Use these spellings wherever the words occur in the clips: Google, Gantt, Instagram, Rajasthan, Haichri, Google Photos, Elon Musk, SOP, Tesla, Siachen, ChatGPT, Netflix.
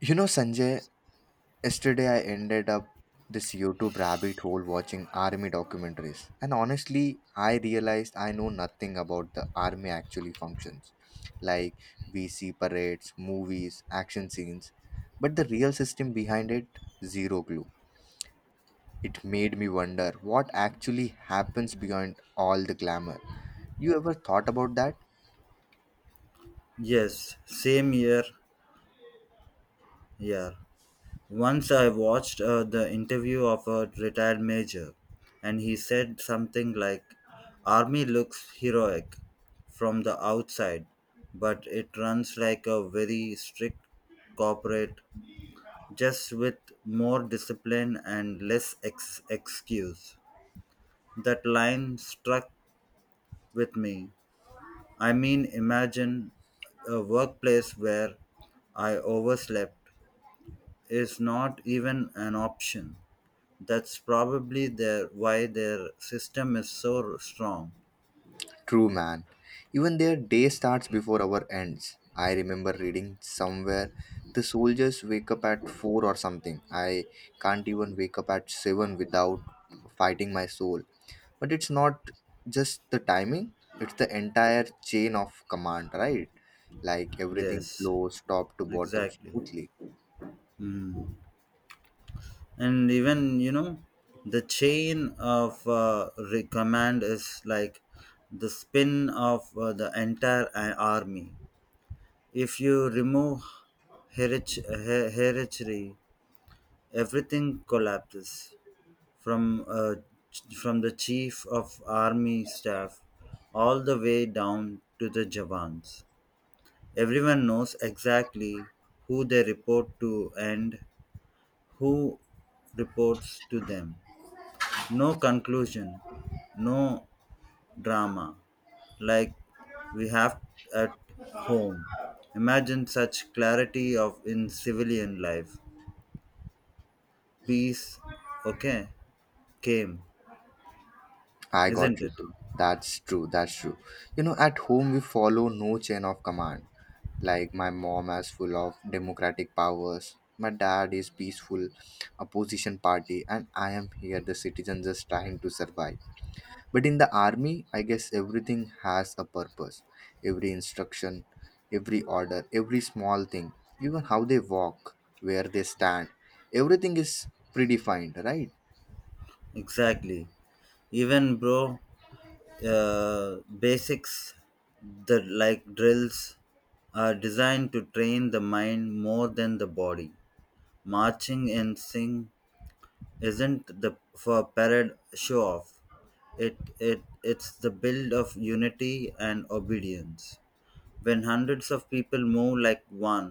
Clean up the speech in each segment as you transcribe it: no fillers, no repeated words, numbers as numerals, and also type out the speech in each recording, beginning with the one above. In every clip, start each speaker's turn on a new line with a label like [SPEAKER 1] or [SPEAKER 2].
[SPEAKER 1] You know, Sanjay, yesterday I ended up this YouTube rabbit hole watching army documentaries. And honestly, I realized I know nothing about the army actually functions. Like we see parades, movies, action scenes, but the real system behind it, zero clue. It made me wonder what actually happens beyond all the glamour. You ever thought about that?
[SPEAKER 2] Yes, same year. Yeah. Once I watched the interview of a retired major, and he said something like, army looks heroic from the outside, but it runs like a very strict corporate, just with more discipline and less excuse. That line struck with me. I mean, imagine a workplace where I overslept is not even an option. That's probably their why their system is so strong.
[SPEAKER 1] True, man. Even their day starts before our ends. I remember reading somewhere the soldiers wake up at 4 or something. I can't even wake up at 7 without fighting my soul. But it's not just the timing, it's the entire chain of command, right? Like everything
[SPEAKER 2] Yes,
[SPEAKER 1] flows top to bottom
[SPEAKER 2] exactly.
[SPEAKER 1] smoothly.
[SPEAKER 2] And even the chain of command is like the spin of the entire army. If you remove hereditary, everything collapses. from uh, from the chief of army staff all the way down to the jawans. Everyone knows exactly who they report to and who reports to them. No conclusion, no drama, like we have at home. Imagine such clarity of in civilian life. Peace. Okay. Came.
[SPEAKER 1] I got
[SPEAKER 2] Isn't
[SPEAKER 1] you,
[SPEAKER 2] it?
[SPEAKER 1] bro. That's true. That's true. You know, at home we follow no chain of command. Like my mom is full of democratic powers. My dad is peaceful opposition party, and I am here the citizen just trying to survive. But in the army, I guess everything has a purpose. Every instruction, every order, every small thing, even how they walk, where they stand, everything is predefined, right?
[SPEAKER 2] Exactly. Even bro, basics that like drills are designed to train the mind more than the body. Marching and sing isn't the for parade show off. It's the build of unity and obedience. When hundreds of people move like one,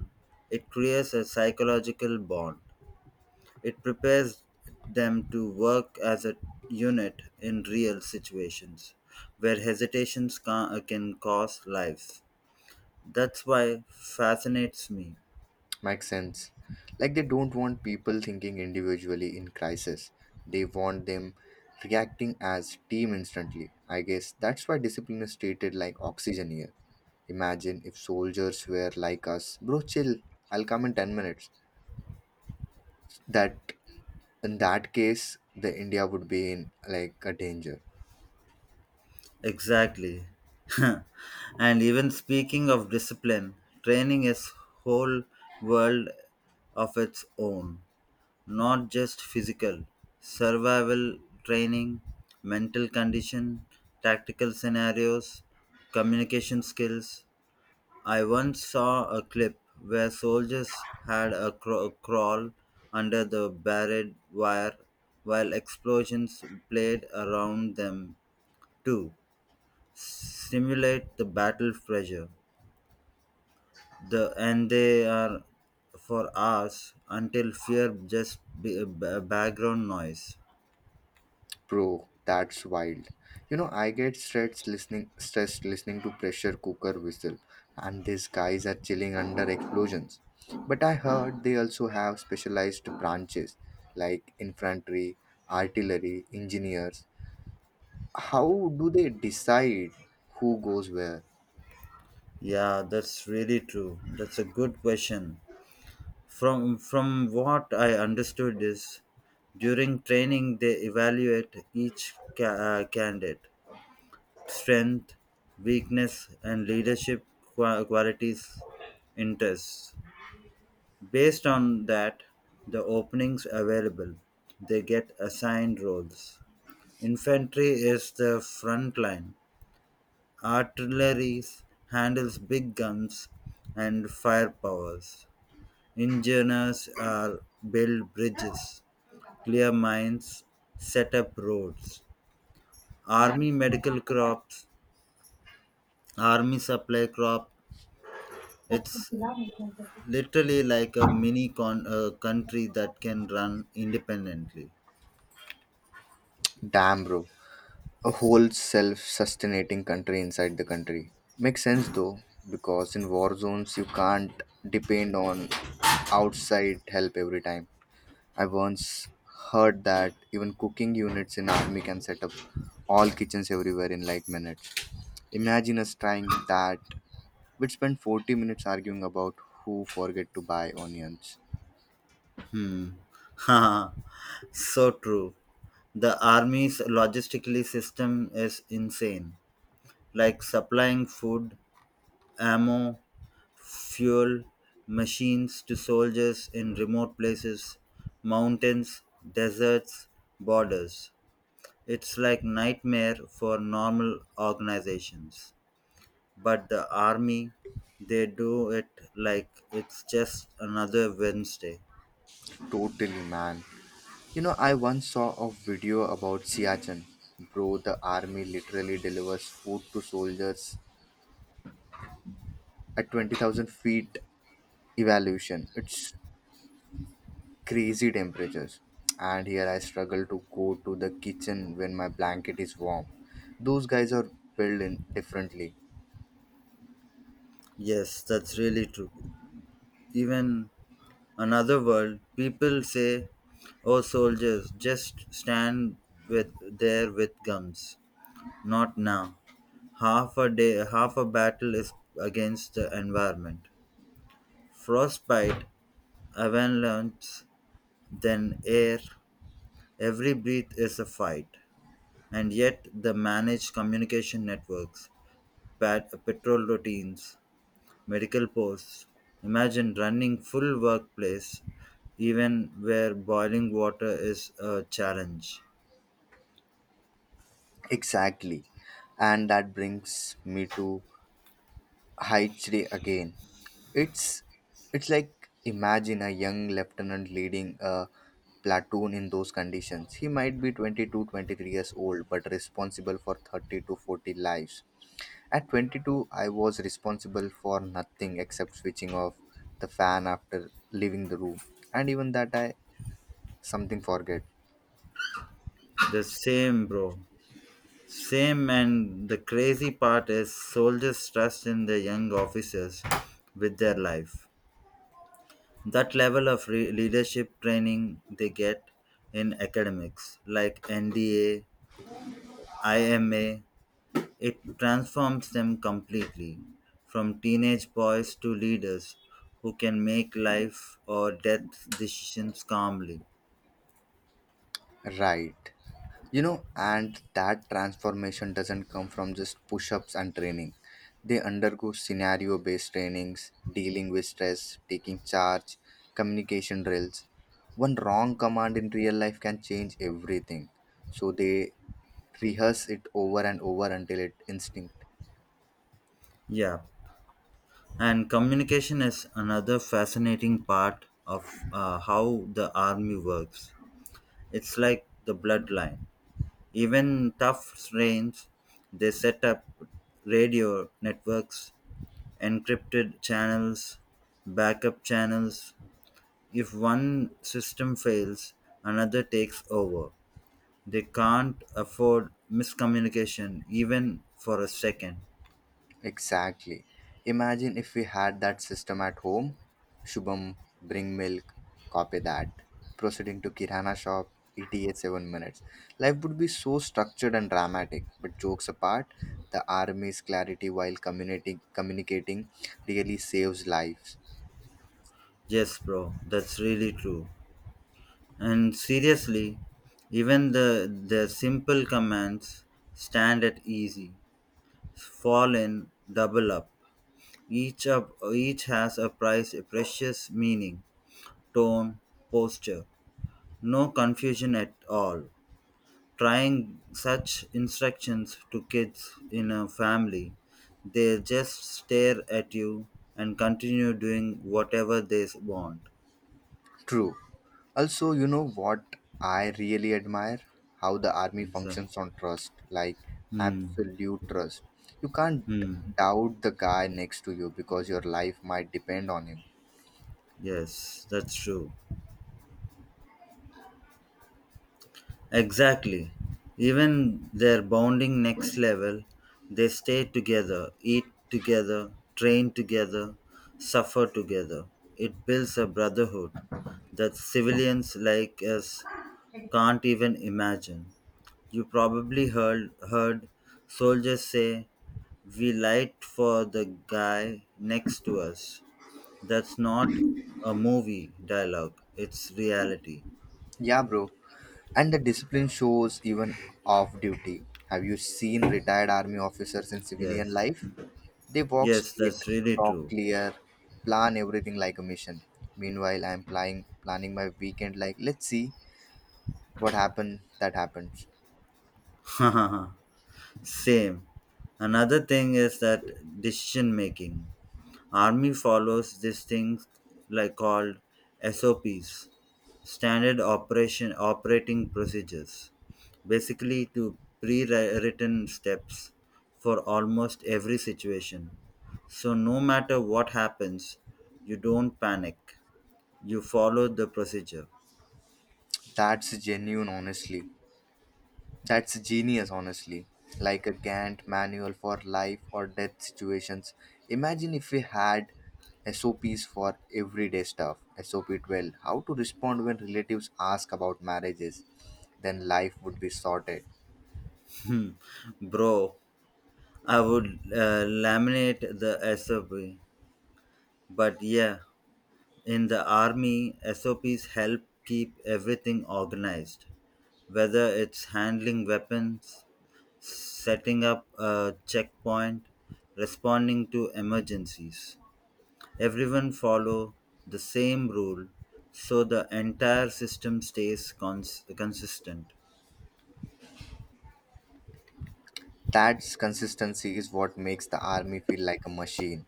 [SPEAKER 2] it creates a psychological bond. It prepares them to work as a unit in real situations where hesitations can cost lives. That's why fascinates me.
[SPEAKER 1] Makes sense. Like they don't want people thinking individually in crisis. They want them reacting as team instantly. I guess that's why discipline is treated like oxygen here. Imagine if soldiers were like us, bro, chill. I'll come in 10 minutes. That in that case, the India would be in like a danger.
[SPEAKER 2] Exactly. And even speaking of discipline, training is whole world of its own, not just physical, survival training, mental condition, tactical scenarios, communication skills. I once saw a clip where soldiers had a crawl under the barbed wire while explosions played around them to simulate the battle pressure. And they are for hours until fear just be a background noise.
[SPEAKER 1] Bro, that's wild. You know, I get stressed listening to pressure cooker whistle and these guys are chilling under explosions. But I heard they also have specialized branches like infantry, artillery, engineers. How do they decide who goes where?
[SPEAKER 2] Yeah, that's really true. That's a good question. From what I understood is, during training they evaluate each candidate strength, weakness, and leadership qualities, interests. Based on that, the openings available, they get assigned roles. Infantry is the front line. Artillery handles big guns and firepowers. Engineers are build bridges, clear mines, set up roads. Army medical crops, army supply crop. It's literally like a mini country that can run independently.
[SPEAKER 1] Damn bro. A whole self sustaining country inside the country. Makes sense though, because in war zones you can't depend on outside help every time. I once heard that even cooking units in army can set up all kitchens everywhere in like minutes. Imagine us trying that. We'd spend 40 minutes arguing about who forget to buy onions.
[SPEAKER 2] Hmm. So true. The army's logistically system is insane, like supplying food, ammo, fuel, machines to soldiers in remote places, mountains, deserts, borders. It's like nightmare for normal organizations. But the army, they do it like it's just another Wednesday.
[SPEAKER 1] Totally, man. You know, I once saw a video about Siachen. Bro, the army literally delivers food to soldiers at 20,000 feet evaluation. It's crazy temperatures. And here I struggle to go to the kitchen when my blanket is warm. Those guys are built in differently.
[SPEAKER 2] Yes, that's really true. Even another world, people say, "Oh soldiers, just stand with there with guns." Not now. Half a day, half a battle is against the environment. Frostbite, avalanche, then air. Every breath is a fight, and yet the managed communication networks, patrol routines, medical posts. Imagine running full workplace, even where boiling water is a challenge.
[SPEAKER 1] Exactly. And that brings me to Haichri again. It's it's like imagine a young lieutenant leading a platoon in those conditions. He might be 22 23 years old but responsible for 30 to 40 lives. At 22, I was responsible for nothing except switching off the fan after leaving the room, and even that, I something forget.
[SPEAKER 2] The same, bro. Same, and the crazy part is soldiers trust in their young officers with their life. That level of leadership training they get in academics, like NDA IMA, it transforms them completely from teenage boys to leaders who can make life or death decisions calmly.
[SPEAKER 1] Right. You know, and that transformation doesn't come from just push ups and training. They undergo scenario based trainings, dealing with stress, taking charge, communication drills. One wrong command in real life can change everything. So they rehearse it over and over until it instinct.
[SPEAKER 2] Yeah, and communication is another fascinating part of how the army works. It's like the bloodline. Even tough reigns, they set up radio networks, encrypted channels, backup channels. If one system fails, another takes over. They can't afford miscommunication even for a second.
[SPEAKER 1] Exactly. Imagine if we had that system at home. Shubham, bring milk, copy that. Proceeding to Kirana shop, ETA 7 minutes. Life would be so structured and dramatic, but jokes apart, the army's clarity while communicating really saves lives.
[SPEAKER 2] Yes, bro, that's really true. And seriously, even the simple commands stand at easy. Fall in, double up. Each has a precious meaning, tone, posture. No confusion at all. Trying such instructions to kids in a family, they just stare at you and continue doing whatever they want.
[SPEAKER 1] True. Also, you know what I really admire? How the army
[SPEAKER 2] Exactly.
[SPEAKER 1] functions on trust, like
[SPEAKER 2] Hmm.
[SPEAKER 1] absolute trust. You can't
[SPEAKER 2] Hmm.
[SPEAKER 1] doubt the guy next to you because your life might depend on him.
[SPEAKER 2] Yes, that's true. Exactly. Even their bonding next level, they stay together, eat together, train together, suffer together. It builds a brotherhood that civilians like us can't even imagine. You probably heard soldiers say, "We lied for the guy next to us." That's not a movie dialogue, it's reality.
[SPEAKER 1] Yeah, bro. And the discipline shows even off duty. Have you seen retired army officers in civilian
[SPEAKER 2] Yes,
[SPEAKER 1] life? They walk
[SPEAKER 2] yes,
[SPEAKER 1] straight,
[SPEAKER 2] that's really
[SPEAKER 1] talk
[SPEAKER 2] true.
[SPEAKER 1] clear, plan everything like a mission. Meanwhile, I'm planning my weekend like let's see what happened that happens.
[SPEAKER 2] Same. Another thing is that decision making. Army follows these things like called SOPs, standard operation operating procedures, basically to pre-written steps for almost every situation. So no matter what happens, you don't panic. You follow the procedure.
[SPEAKER 1] That's genuine, honestly. That's genius, honestly. Like a Gantt manual for life or death situations. Imagine if we had SOPs for everyday stuff. SOP 12, how to respond when relatives ask about marriages. Then life would be sorted.
[SPEAKER 2] Bro, I would laminate the SOP. But yeah, in the army, SOPs help keep everything organized, whether it's handling weapons, setting up a checkpoint, responding to emergencies. Everyone follow the same rule so the entire system stays consistent.
[SPEAKER 1] That's consistency is what makes the army feel like a machine.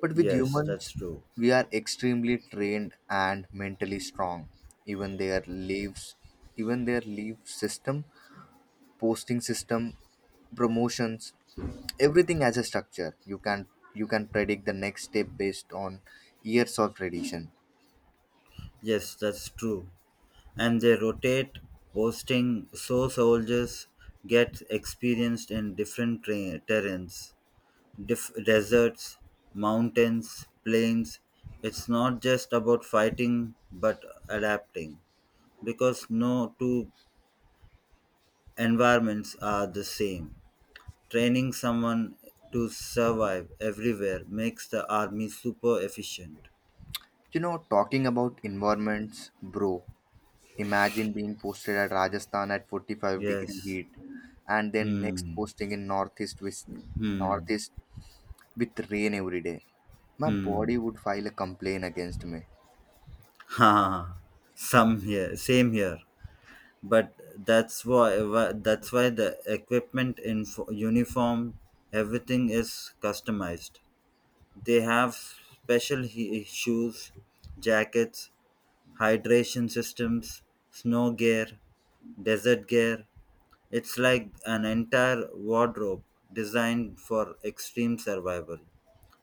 [SPEAKER 1] But with
[SPEAKER 2] Yes, that's
[SPEAKER 1] humans,
[SPEAKER 2] true.
[SPEAKER 1] we are extremely trained and mentally strong. Even their leaves, even their leave system posting system, promotions, everything as a structure. You can predict the next step based on years of tradition.
[SPEAKER 2] Yes, that's true. And they rotate posting so soldiers get experienced in different terrains, deserts, mountains, plains. It's not just about fighting but adapting because no two environments are the same. Training someone to survive everywhere makes the army super efficient.
[SPEAKER 1] You know, talking about environments, bro. Imagine being posted at Rajasthan at 45-degree
[SPEAKER 2] Yes.
[SPEAKER 1] heat and then next
[SPEAKER 2] Hmm.
[SPEAKER 1] posting in northeast with
[SPEAKER 2] Hmm.
[SPEAKER 1] northeast with rain every day. My
[SPEAKER 2] Hmm.
[SPEAKER 1] body would file a complaint against me.
[SPEAKER 2] Ha. Some here. Same here. But that's why the equipment in uniform everything is customized. They have special shoes, jackets, hydration systems, snow gear, desert gear. It's like an entire wardrobe designed for extreme survival,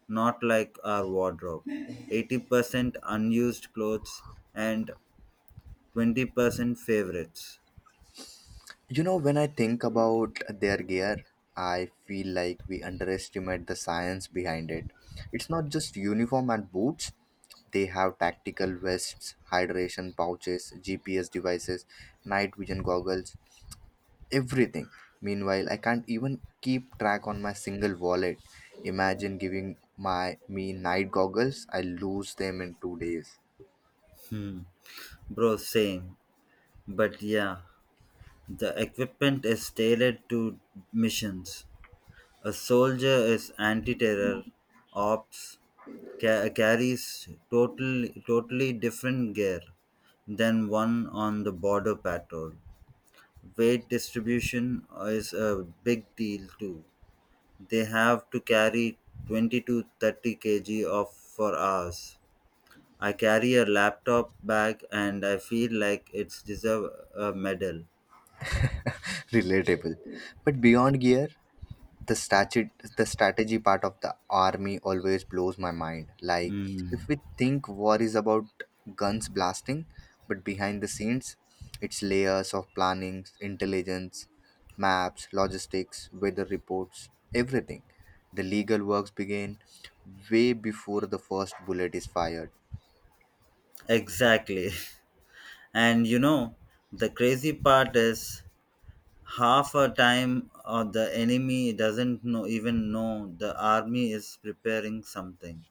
[SPEAKER 2] not like our wardrobe, 80% unused clothes and 20% favorites.
[SPEAKER 1] You know, when I think about their gear, I feel like we underestimate the science behind it. It's not just uniform and boots, they have tactical vests, hydration pouches, GPS devices, night vision goggles, everything. Meanwhile, I can't even keep track on my single wallet. Imagine giving my me night goggles, I lose them in 2 days.
[SPEAKER 2] Hmm. Bro, same. But yeah, the equipment is tailored to missions. A soldier is anti-terror, ops, carries totally different gear than one on the border patrol. Weight distribution is a big deal too. They have to carry 20 to 30 kg of for hours. I carry a laptop bag and I feel like it's deserve a medal.
[SPEAKER 1] Relatable. But beyond gear, the statute the strategy part of the army always blows my mind, like
[SPEAKER 2] Mm,
[SPEAKER 1] if we think war is about guns blasting, but behind the scenes it's layers of planning, intelligence, maps, logistics, weather reports, everything. The legal works begin way before the first bullet is fired.
[SPEAKER 2] exactly. And you know, the crazy part is half a time or the enemy doesn't know even know the army is preparing something.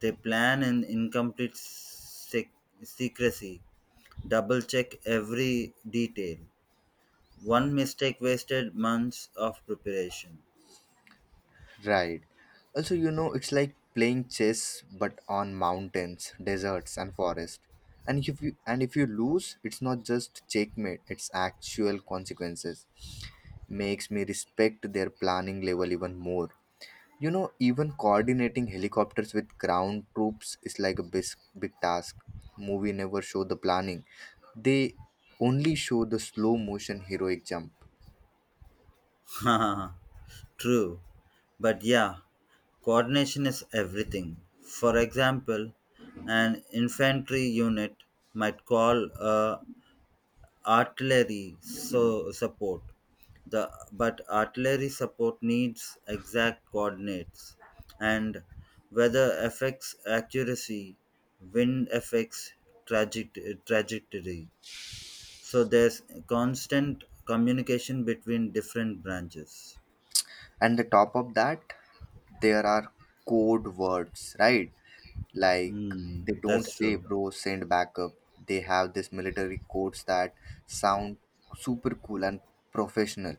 [SPEAKER 2] They plan in incomplete secrecy, double check every detail. One mistake wasted months of preparation.
[SPEAKER 1] Right. Also, you know, it's like playing chess but on mountains, deserts, and forest. And if you lose, it's not just checkmate, it's actual consequences. Makes me respect their planning level even more. You know, even coordinating helicopters with ground troops is like a big, big task. Movie never show the planning. They only show the slow motion heroic jump.
[SPEAKER 2] True, but yeah, coordination is everything. For example, an infantry unit might call a artillery so support. The but artillery support needs exact coordinates, and weather affects accuracy, wind affects trajectory. So there's constant communication between different branches.
[SPEAKER 1] And the top of that, there are code words, right? Like
[SPEAKER 2] Mm,
[SPEAKER 1] they don't
[SPEAKER 2] that's
[SPEAKER 1] say
[SPEAKER 2] true.
[SPEAKER 1] bro send backup, they have this military codes that sound super cool and professional.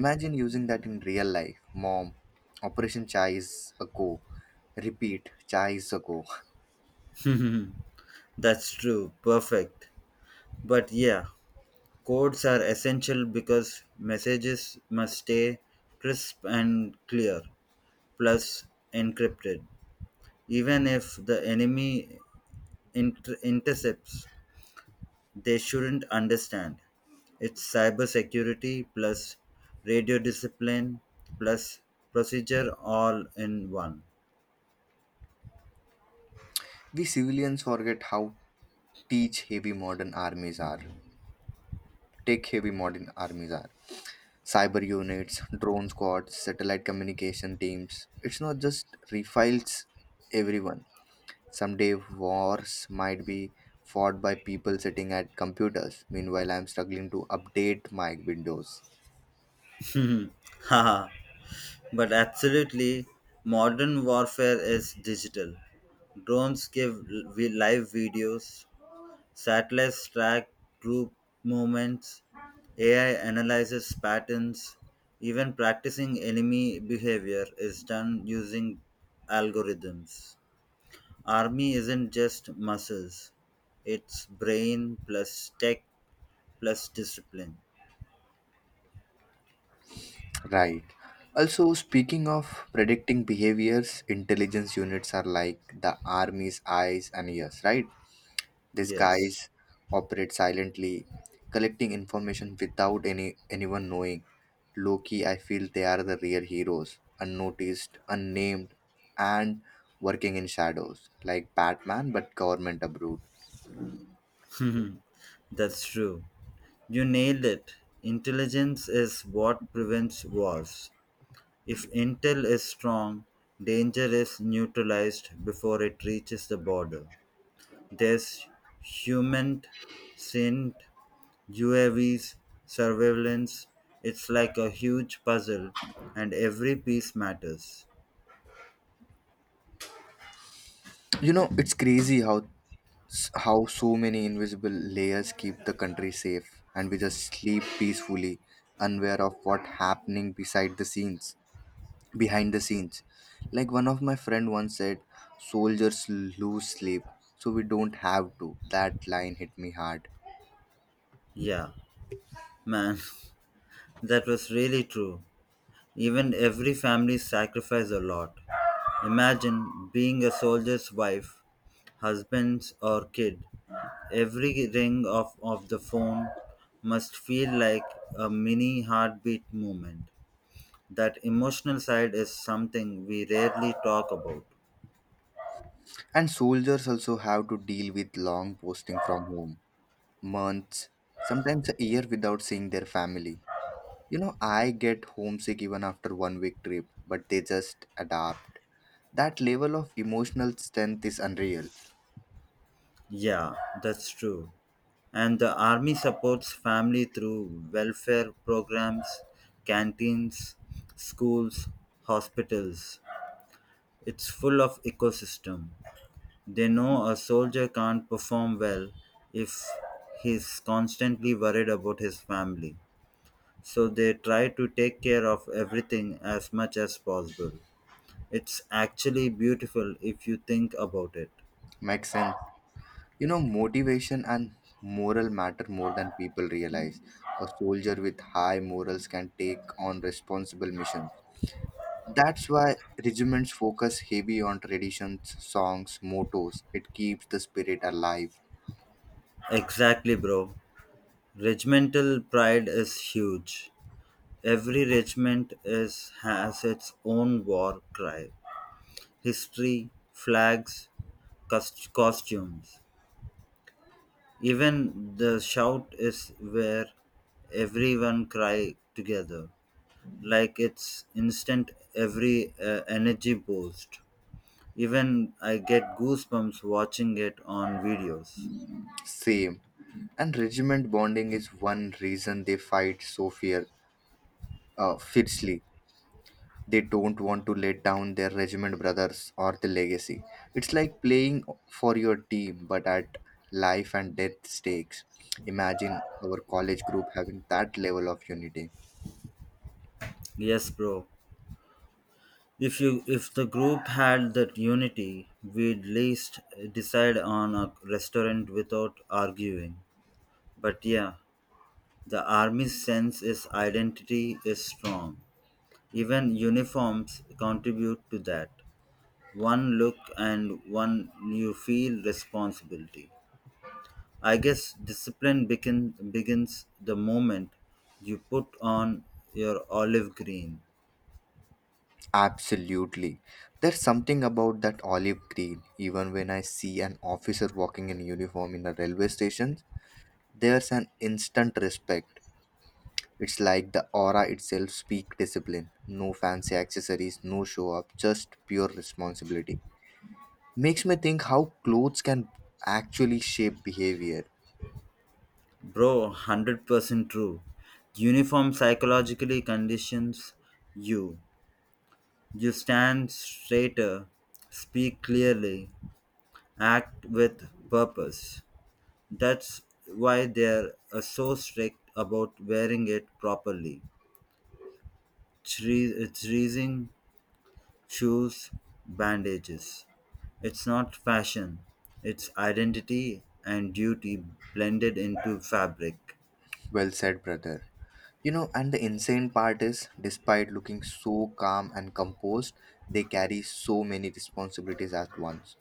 [SPEAKER 1] Imagine using that in real life. Mom, operation chai is a go, repeat chai is a go.
[SPEAKER 2] That's true. Perfect. But yeah, codes are essential because messages must stay crisp and clear, plus encrypted. Even if the enemy intercepts, they shouldn't understand. It's cybersecurity plus radio discipline plus procedure all in one.
[SPEAKER 1] We civilians forget how teach heavy modern armies are take heavy modern armies are, cyber units, drone squads, satellite communication teams. It's not just refiles everyone. Someday wars might be fought by people sitting at computers. Meanwhile, I'm struggling to update my Windows.
[SPEAKER 2] Haha. But absolutely, modern warfare is digital. Drones give live videos, satellites track troop movements, AI analyzes patterns, even practicing enemy behavior is done using algorithms. Army isn't just muscles, it's brain plus tech plus discipline.
[SPEAKER 1] Right. Also, speaking of predicting behaviors, intelligence units are like the army's eyes and ears, right? These
[SPEAKER 2] Yes,
[SPEAKER 1] guys operate silently, collecting information without anyone knowing. Loki, I feel they are the real heroes, unnoticed, unnamed, and working in shadows, like Batman but government approved.
[SPEAKER 2] that's true. You nailed it. Intelligence is what prevents wars. If intel is strong, danger is neutralized before it reaches the border. There's human scent, UAVs, surveillance. It's like a huge puzzle, and every piece matters.
[SPEAKER 1] You know, it's crazy how so many invisible layers keep the country safe, and we just sleep peacefully, unaware of what happening beside the scenes. Behind the scenes Like one of my friend once said, soldiers lose sleep so we don't have to. That line hit me hard.
[SPEAKER 2] Yeah, man, that was really true. Even every family sacrifice a lot. Imagine being a soldier's wife, husband, or kid. Every ring of the phone must feel like a mini heartbeat moment. That emotional side is something we rarely talk about.
[SPEAKER 1] And soldiers also have to deal with long posting from home, months, sometimes a year without seeing their family. You know, I get homesick even after one week trip, but they just adapt. That level of emotional strength is unreal.
[SPEAKER 2] Yeah, that's true. And the army supports family through welfare programs, canteens, schools, hospitals. It's full of ecosystem. They know a soldier can't perform well if he's constantly worried about his family. So they try to take care of everything as much as possible. It's actually beautiful if you think about it.
[SPEAKER 1] Makes sense. You know, motivation and moral matter more than people realize. A soldier with high morals can take on responsible missions. That's why regiments focus heavy on traditions, songs, mottos. It keeps the spirit alive.
[SPEAKER 2] Exactly, bro. Regimental pride is huge. Every regiment is, has its own war cry, history, flags, costumes. Even the shout is where everyone cry together, like it's instant every energy boost. Even I get goosebumps watching it on videos.
[SPEAKER 1] Same. And regiment bonding is one reason they fight so fiercely. They don't want to let down their regiment brothers or the legacy. It's like playing for your team, but at life and death stakes. Imagine our college group having that level of unity.
[SPEAKER 2] Yes, bro. If the group had that unity, we'd least decide on a restaurant without arguing. But yeah, the army's sense is identity is strong. Even uniforms contribute to that. One look and one you feel responsibility. I guess discipline begins the moment you put on your olive green.
[SPEAKER 1] Absolutely. There's something about that olive green. Even when I see an officer walking in uniform in a railway station, there's an instant respect. It's like the aura itself speak discipline. No fancy accessories, no show up, just pure responsibility. Makes me think how clothes can actually shape behavior.
[SPEAKER 2] Bro, 100% true. Uniform psychologically conditions you you stand straighter, speak clearly, act with purpose. That's why they're so strict about wearing it properly. Treating shoes, bandages. It's not fashion, it's identity and duty blended into fabric.
[SPEAKER 1] Well said, brother. You know, and the insane part is, despite looking so calm and composed, they carry so many responsibilities at once,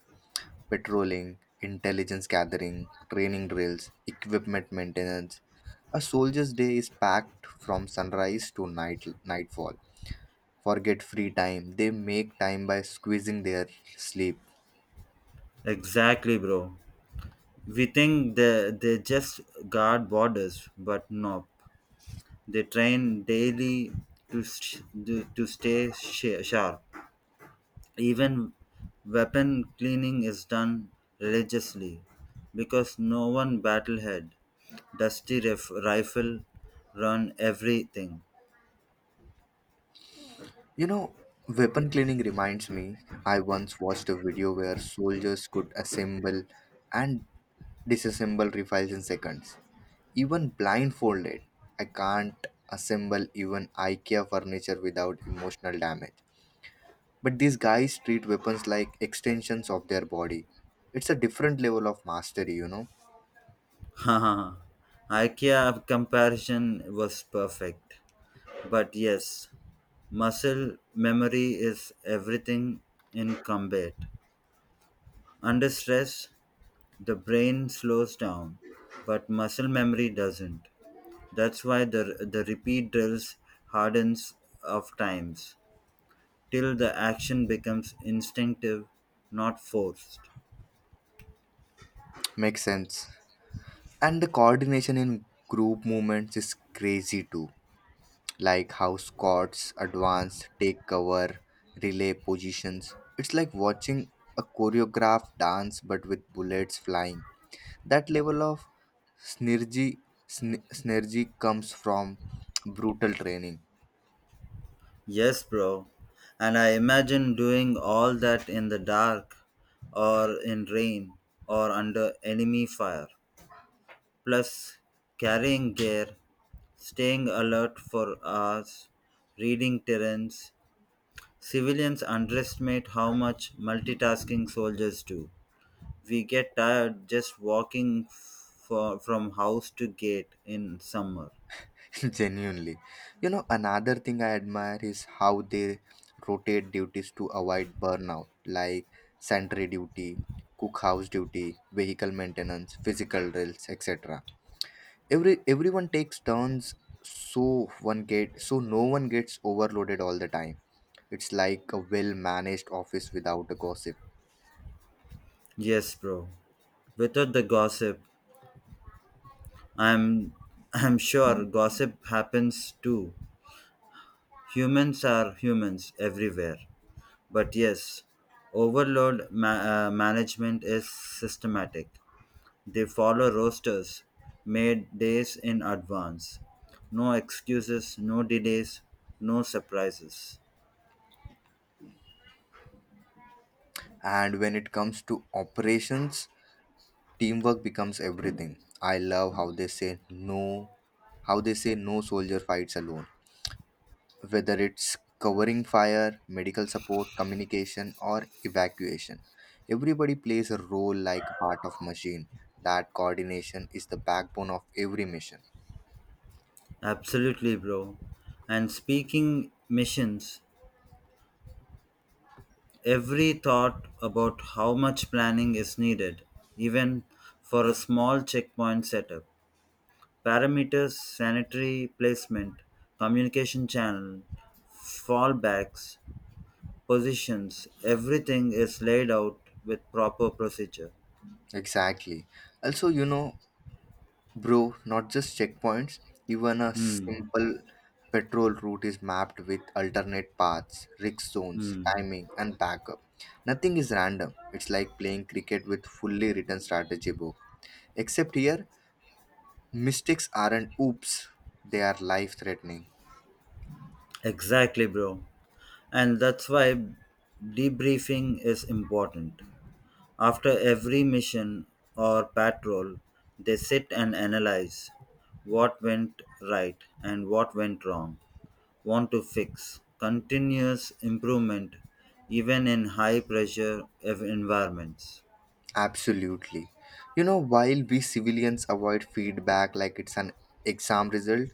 [SPEAKER 1] patrolling, intelligence gathering, training drills, equipment maintenance. A soldier's day is packed from sunrise to nightfall. Forget free time, they make time by squeezing their sleep.
[SPEAKER 2] Exactly, bro. We think they just guard borders, but no. They train daily to stay sharp. Even weapon cleaning is done religiously because no one battlehead, dusty rifle, run everything.
[SPEAKER 1] You know, weapon cleaning reminds me, I once watched a video where soldiers could assemble and disassemble rifles in seconds, even blindfolded. I can't assemble even IKEA furniture without emotional damage. But these guys treat weapons like extensions of their body. It's a different level of mastery, you know.
[SPEAKER 2] Ha, ha, ha. IKEA comparison was perfect. But yes, muscle memory is everything in combat. Under stress, the brain slows down, but muscle memory doesn't. That's why the repeat drills hardens of times till the action becomes instinctive, not forced.
[SPEAKER 1] Makes sense. And the coordination in group movements is crazy too, like how squats, advance, take cover, relay positions. It's like watching a choreographed dance but with bullets flying. That level of synergy, synergy comes from brutal training.
[SPEAKER 2] Yes, bro. And I imagine doing all that in the dark or in rain or under enemy fire. Plus, carrying gear, staying alert for hours, reading terrains. Civilians underestimate how much multitasking soldiers do. We get tired just walking from house to gate in summer.
[SPEAKER 1] Genuinely. You know, another thing I admire is how they rotate duties to avoid burnout, like sentry duty, cookhouse duty, vehicle maintenance, physical drills, etc. Everyone takes turns so one get so no one gets overloaded all the time. It's like a well managed office without a gossip.
[SPEAKER 2] Yes, bro. Without the gossip, I'm I'm sure gossip happens too. Humans are humans everywhere. But yes, overload management is systematic. They follow rosters made days in advance. No excuses, no delays, no surprises.
[SPEAKER 1] And when it comes to operations, teamwork becomes everything. I love how they say no no soldier fights alone, whether it's covering fire, medical support, communication, or evacuation. Everybody plays a role like a part of machine. That coordination is the backbone of every mission.
[SPEAKER 2] Absolutely, bro. And speaking missions, every thought about how much planning is needed, even for a small checkpoint setup, parameters, sanitary placement, communication channel, fallbacks, positions, everything is laid out with proper procedure.
[SPEAKER 1] Exactly. Also, you know, bro, not just checkpoints, even a
[SPEAKER 2] Hmm.
[SPEAKER 1] simple patrol route is mapped with alternate paths, risk zones,
[SPEAKER 2] Hmm.
[SPEAKER 1] timing, and backup. Nothing is random. It's like playing cricket with fully written strategy book. Except here, mistakes aren't oops, they are life threatening.
[SPEAKER 2] Exactly, bro. And that's why debriefing is important. After every mission or patrol, they sit and analyze what went right and what went wrong. Want to fix. Continuous improvement, even in high pressure environments.
[SPEAKER 1] Absolutely. You know, while we civilians avoid feedback like it's an exam result,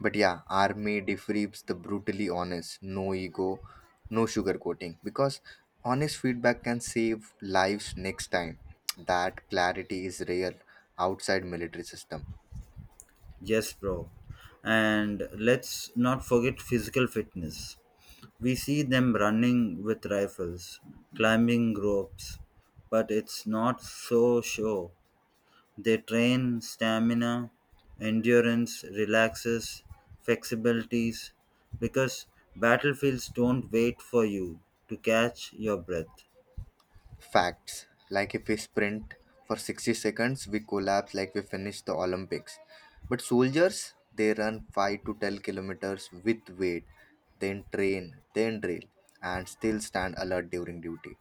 [SPEAKER 1] but yeah, army defreeps the brutally honest, no ego, no sugarcoating, because honest feedback can save lives next time. That clarity is rare outside military system.
[SPEAKER 2] Yes, bro. And let's not forget physical fitness. We see them running with rifles, climbing ropes, but it's not so sure. They train stamina, endurance, relaxes, flexibilities, because battlefields don't wait for you to catch your breath.
[SPEAKER 1] Facts, like if we sprint for 60 seconds, we collapse like we finish the Olympics. But soldiers, they run 5 to 10 kilometers with weight, then train, then drill, and still stand alert during duty.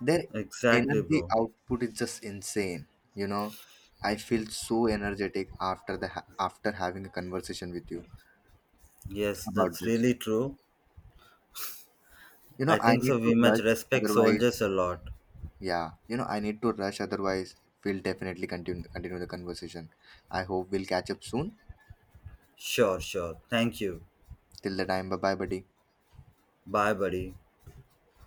[SPEAKER 1] Their
[SPEAKER 2] Exactly,
[SPEAKER 1] energy
[SPEAKER 2] bro.
[SPEAKER 1] output is just insane. You know, I feel so energetic after having a conversation with you
[SPEAKER 2] Yes,
[SPEAKER 1] about
[SPEAKER 2] that's
[SPEAKER 1] this.
[SPEAKER 2] really true.
[SPEAKER 1] You know,
[SPEAKER 2] I
[SPEAKER 1] I
[SPEAKER 2] think
[SPEAKER 1] need
[SPEAKER 2] so.
[SPEAKER 1] to
[SPEAKER 2] We must
[SPEAKER 1] rush,
[SPEAKER 2] respect
[SPEAKER 1] otherwise.
[SPEAKER 2] soldiers a lot.
[SPEAKER 1] Yeah, you know, I need to rush, otherwise, we'll definitely continue the conversation. I hope we'll catch up soon.
[SPEAKER 2] Sure, sure. Thank you.
[SPEAKER 1] Till the time, bye bye, buddy.
[SPEAKER 2] Bye, buddy.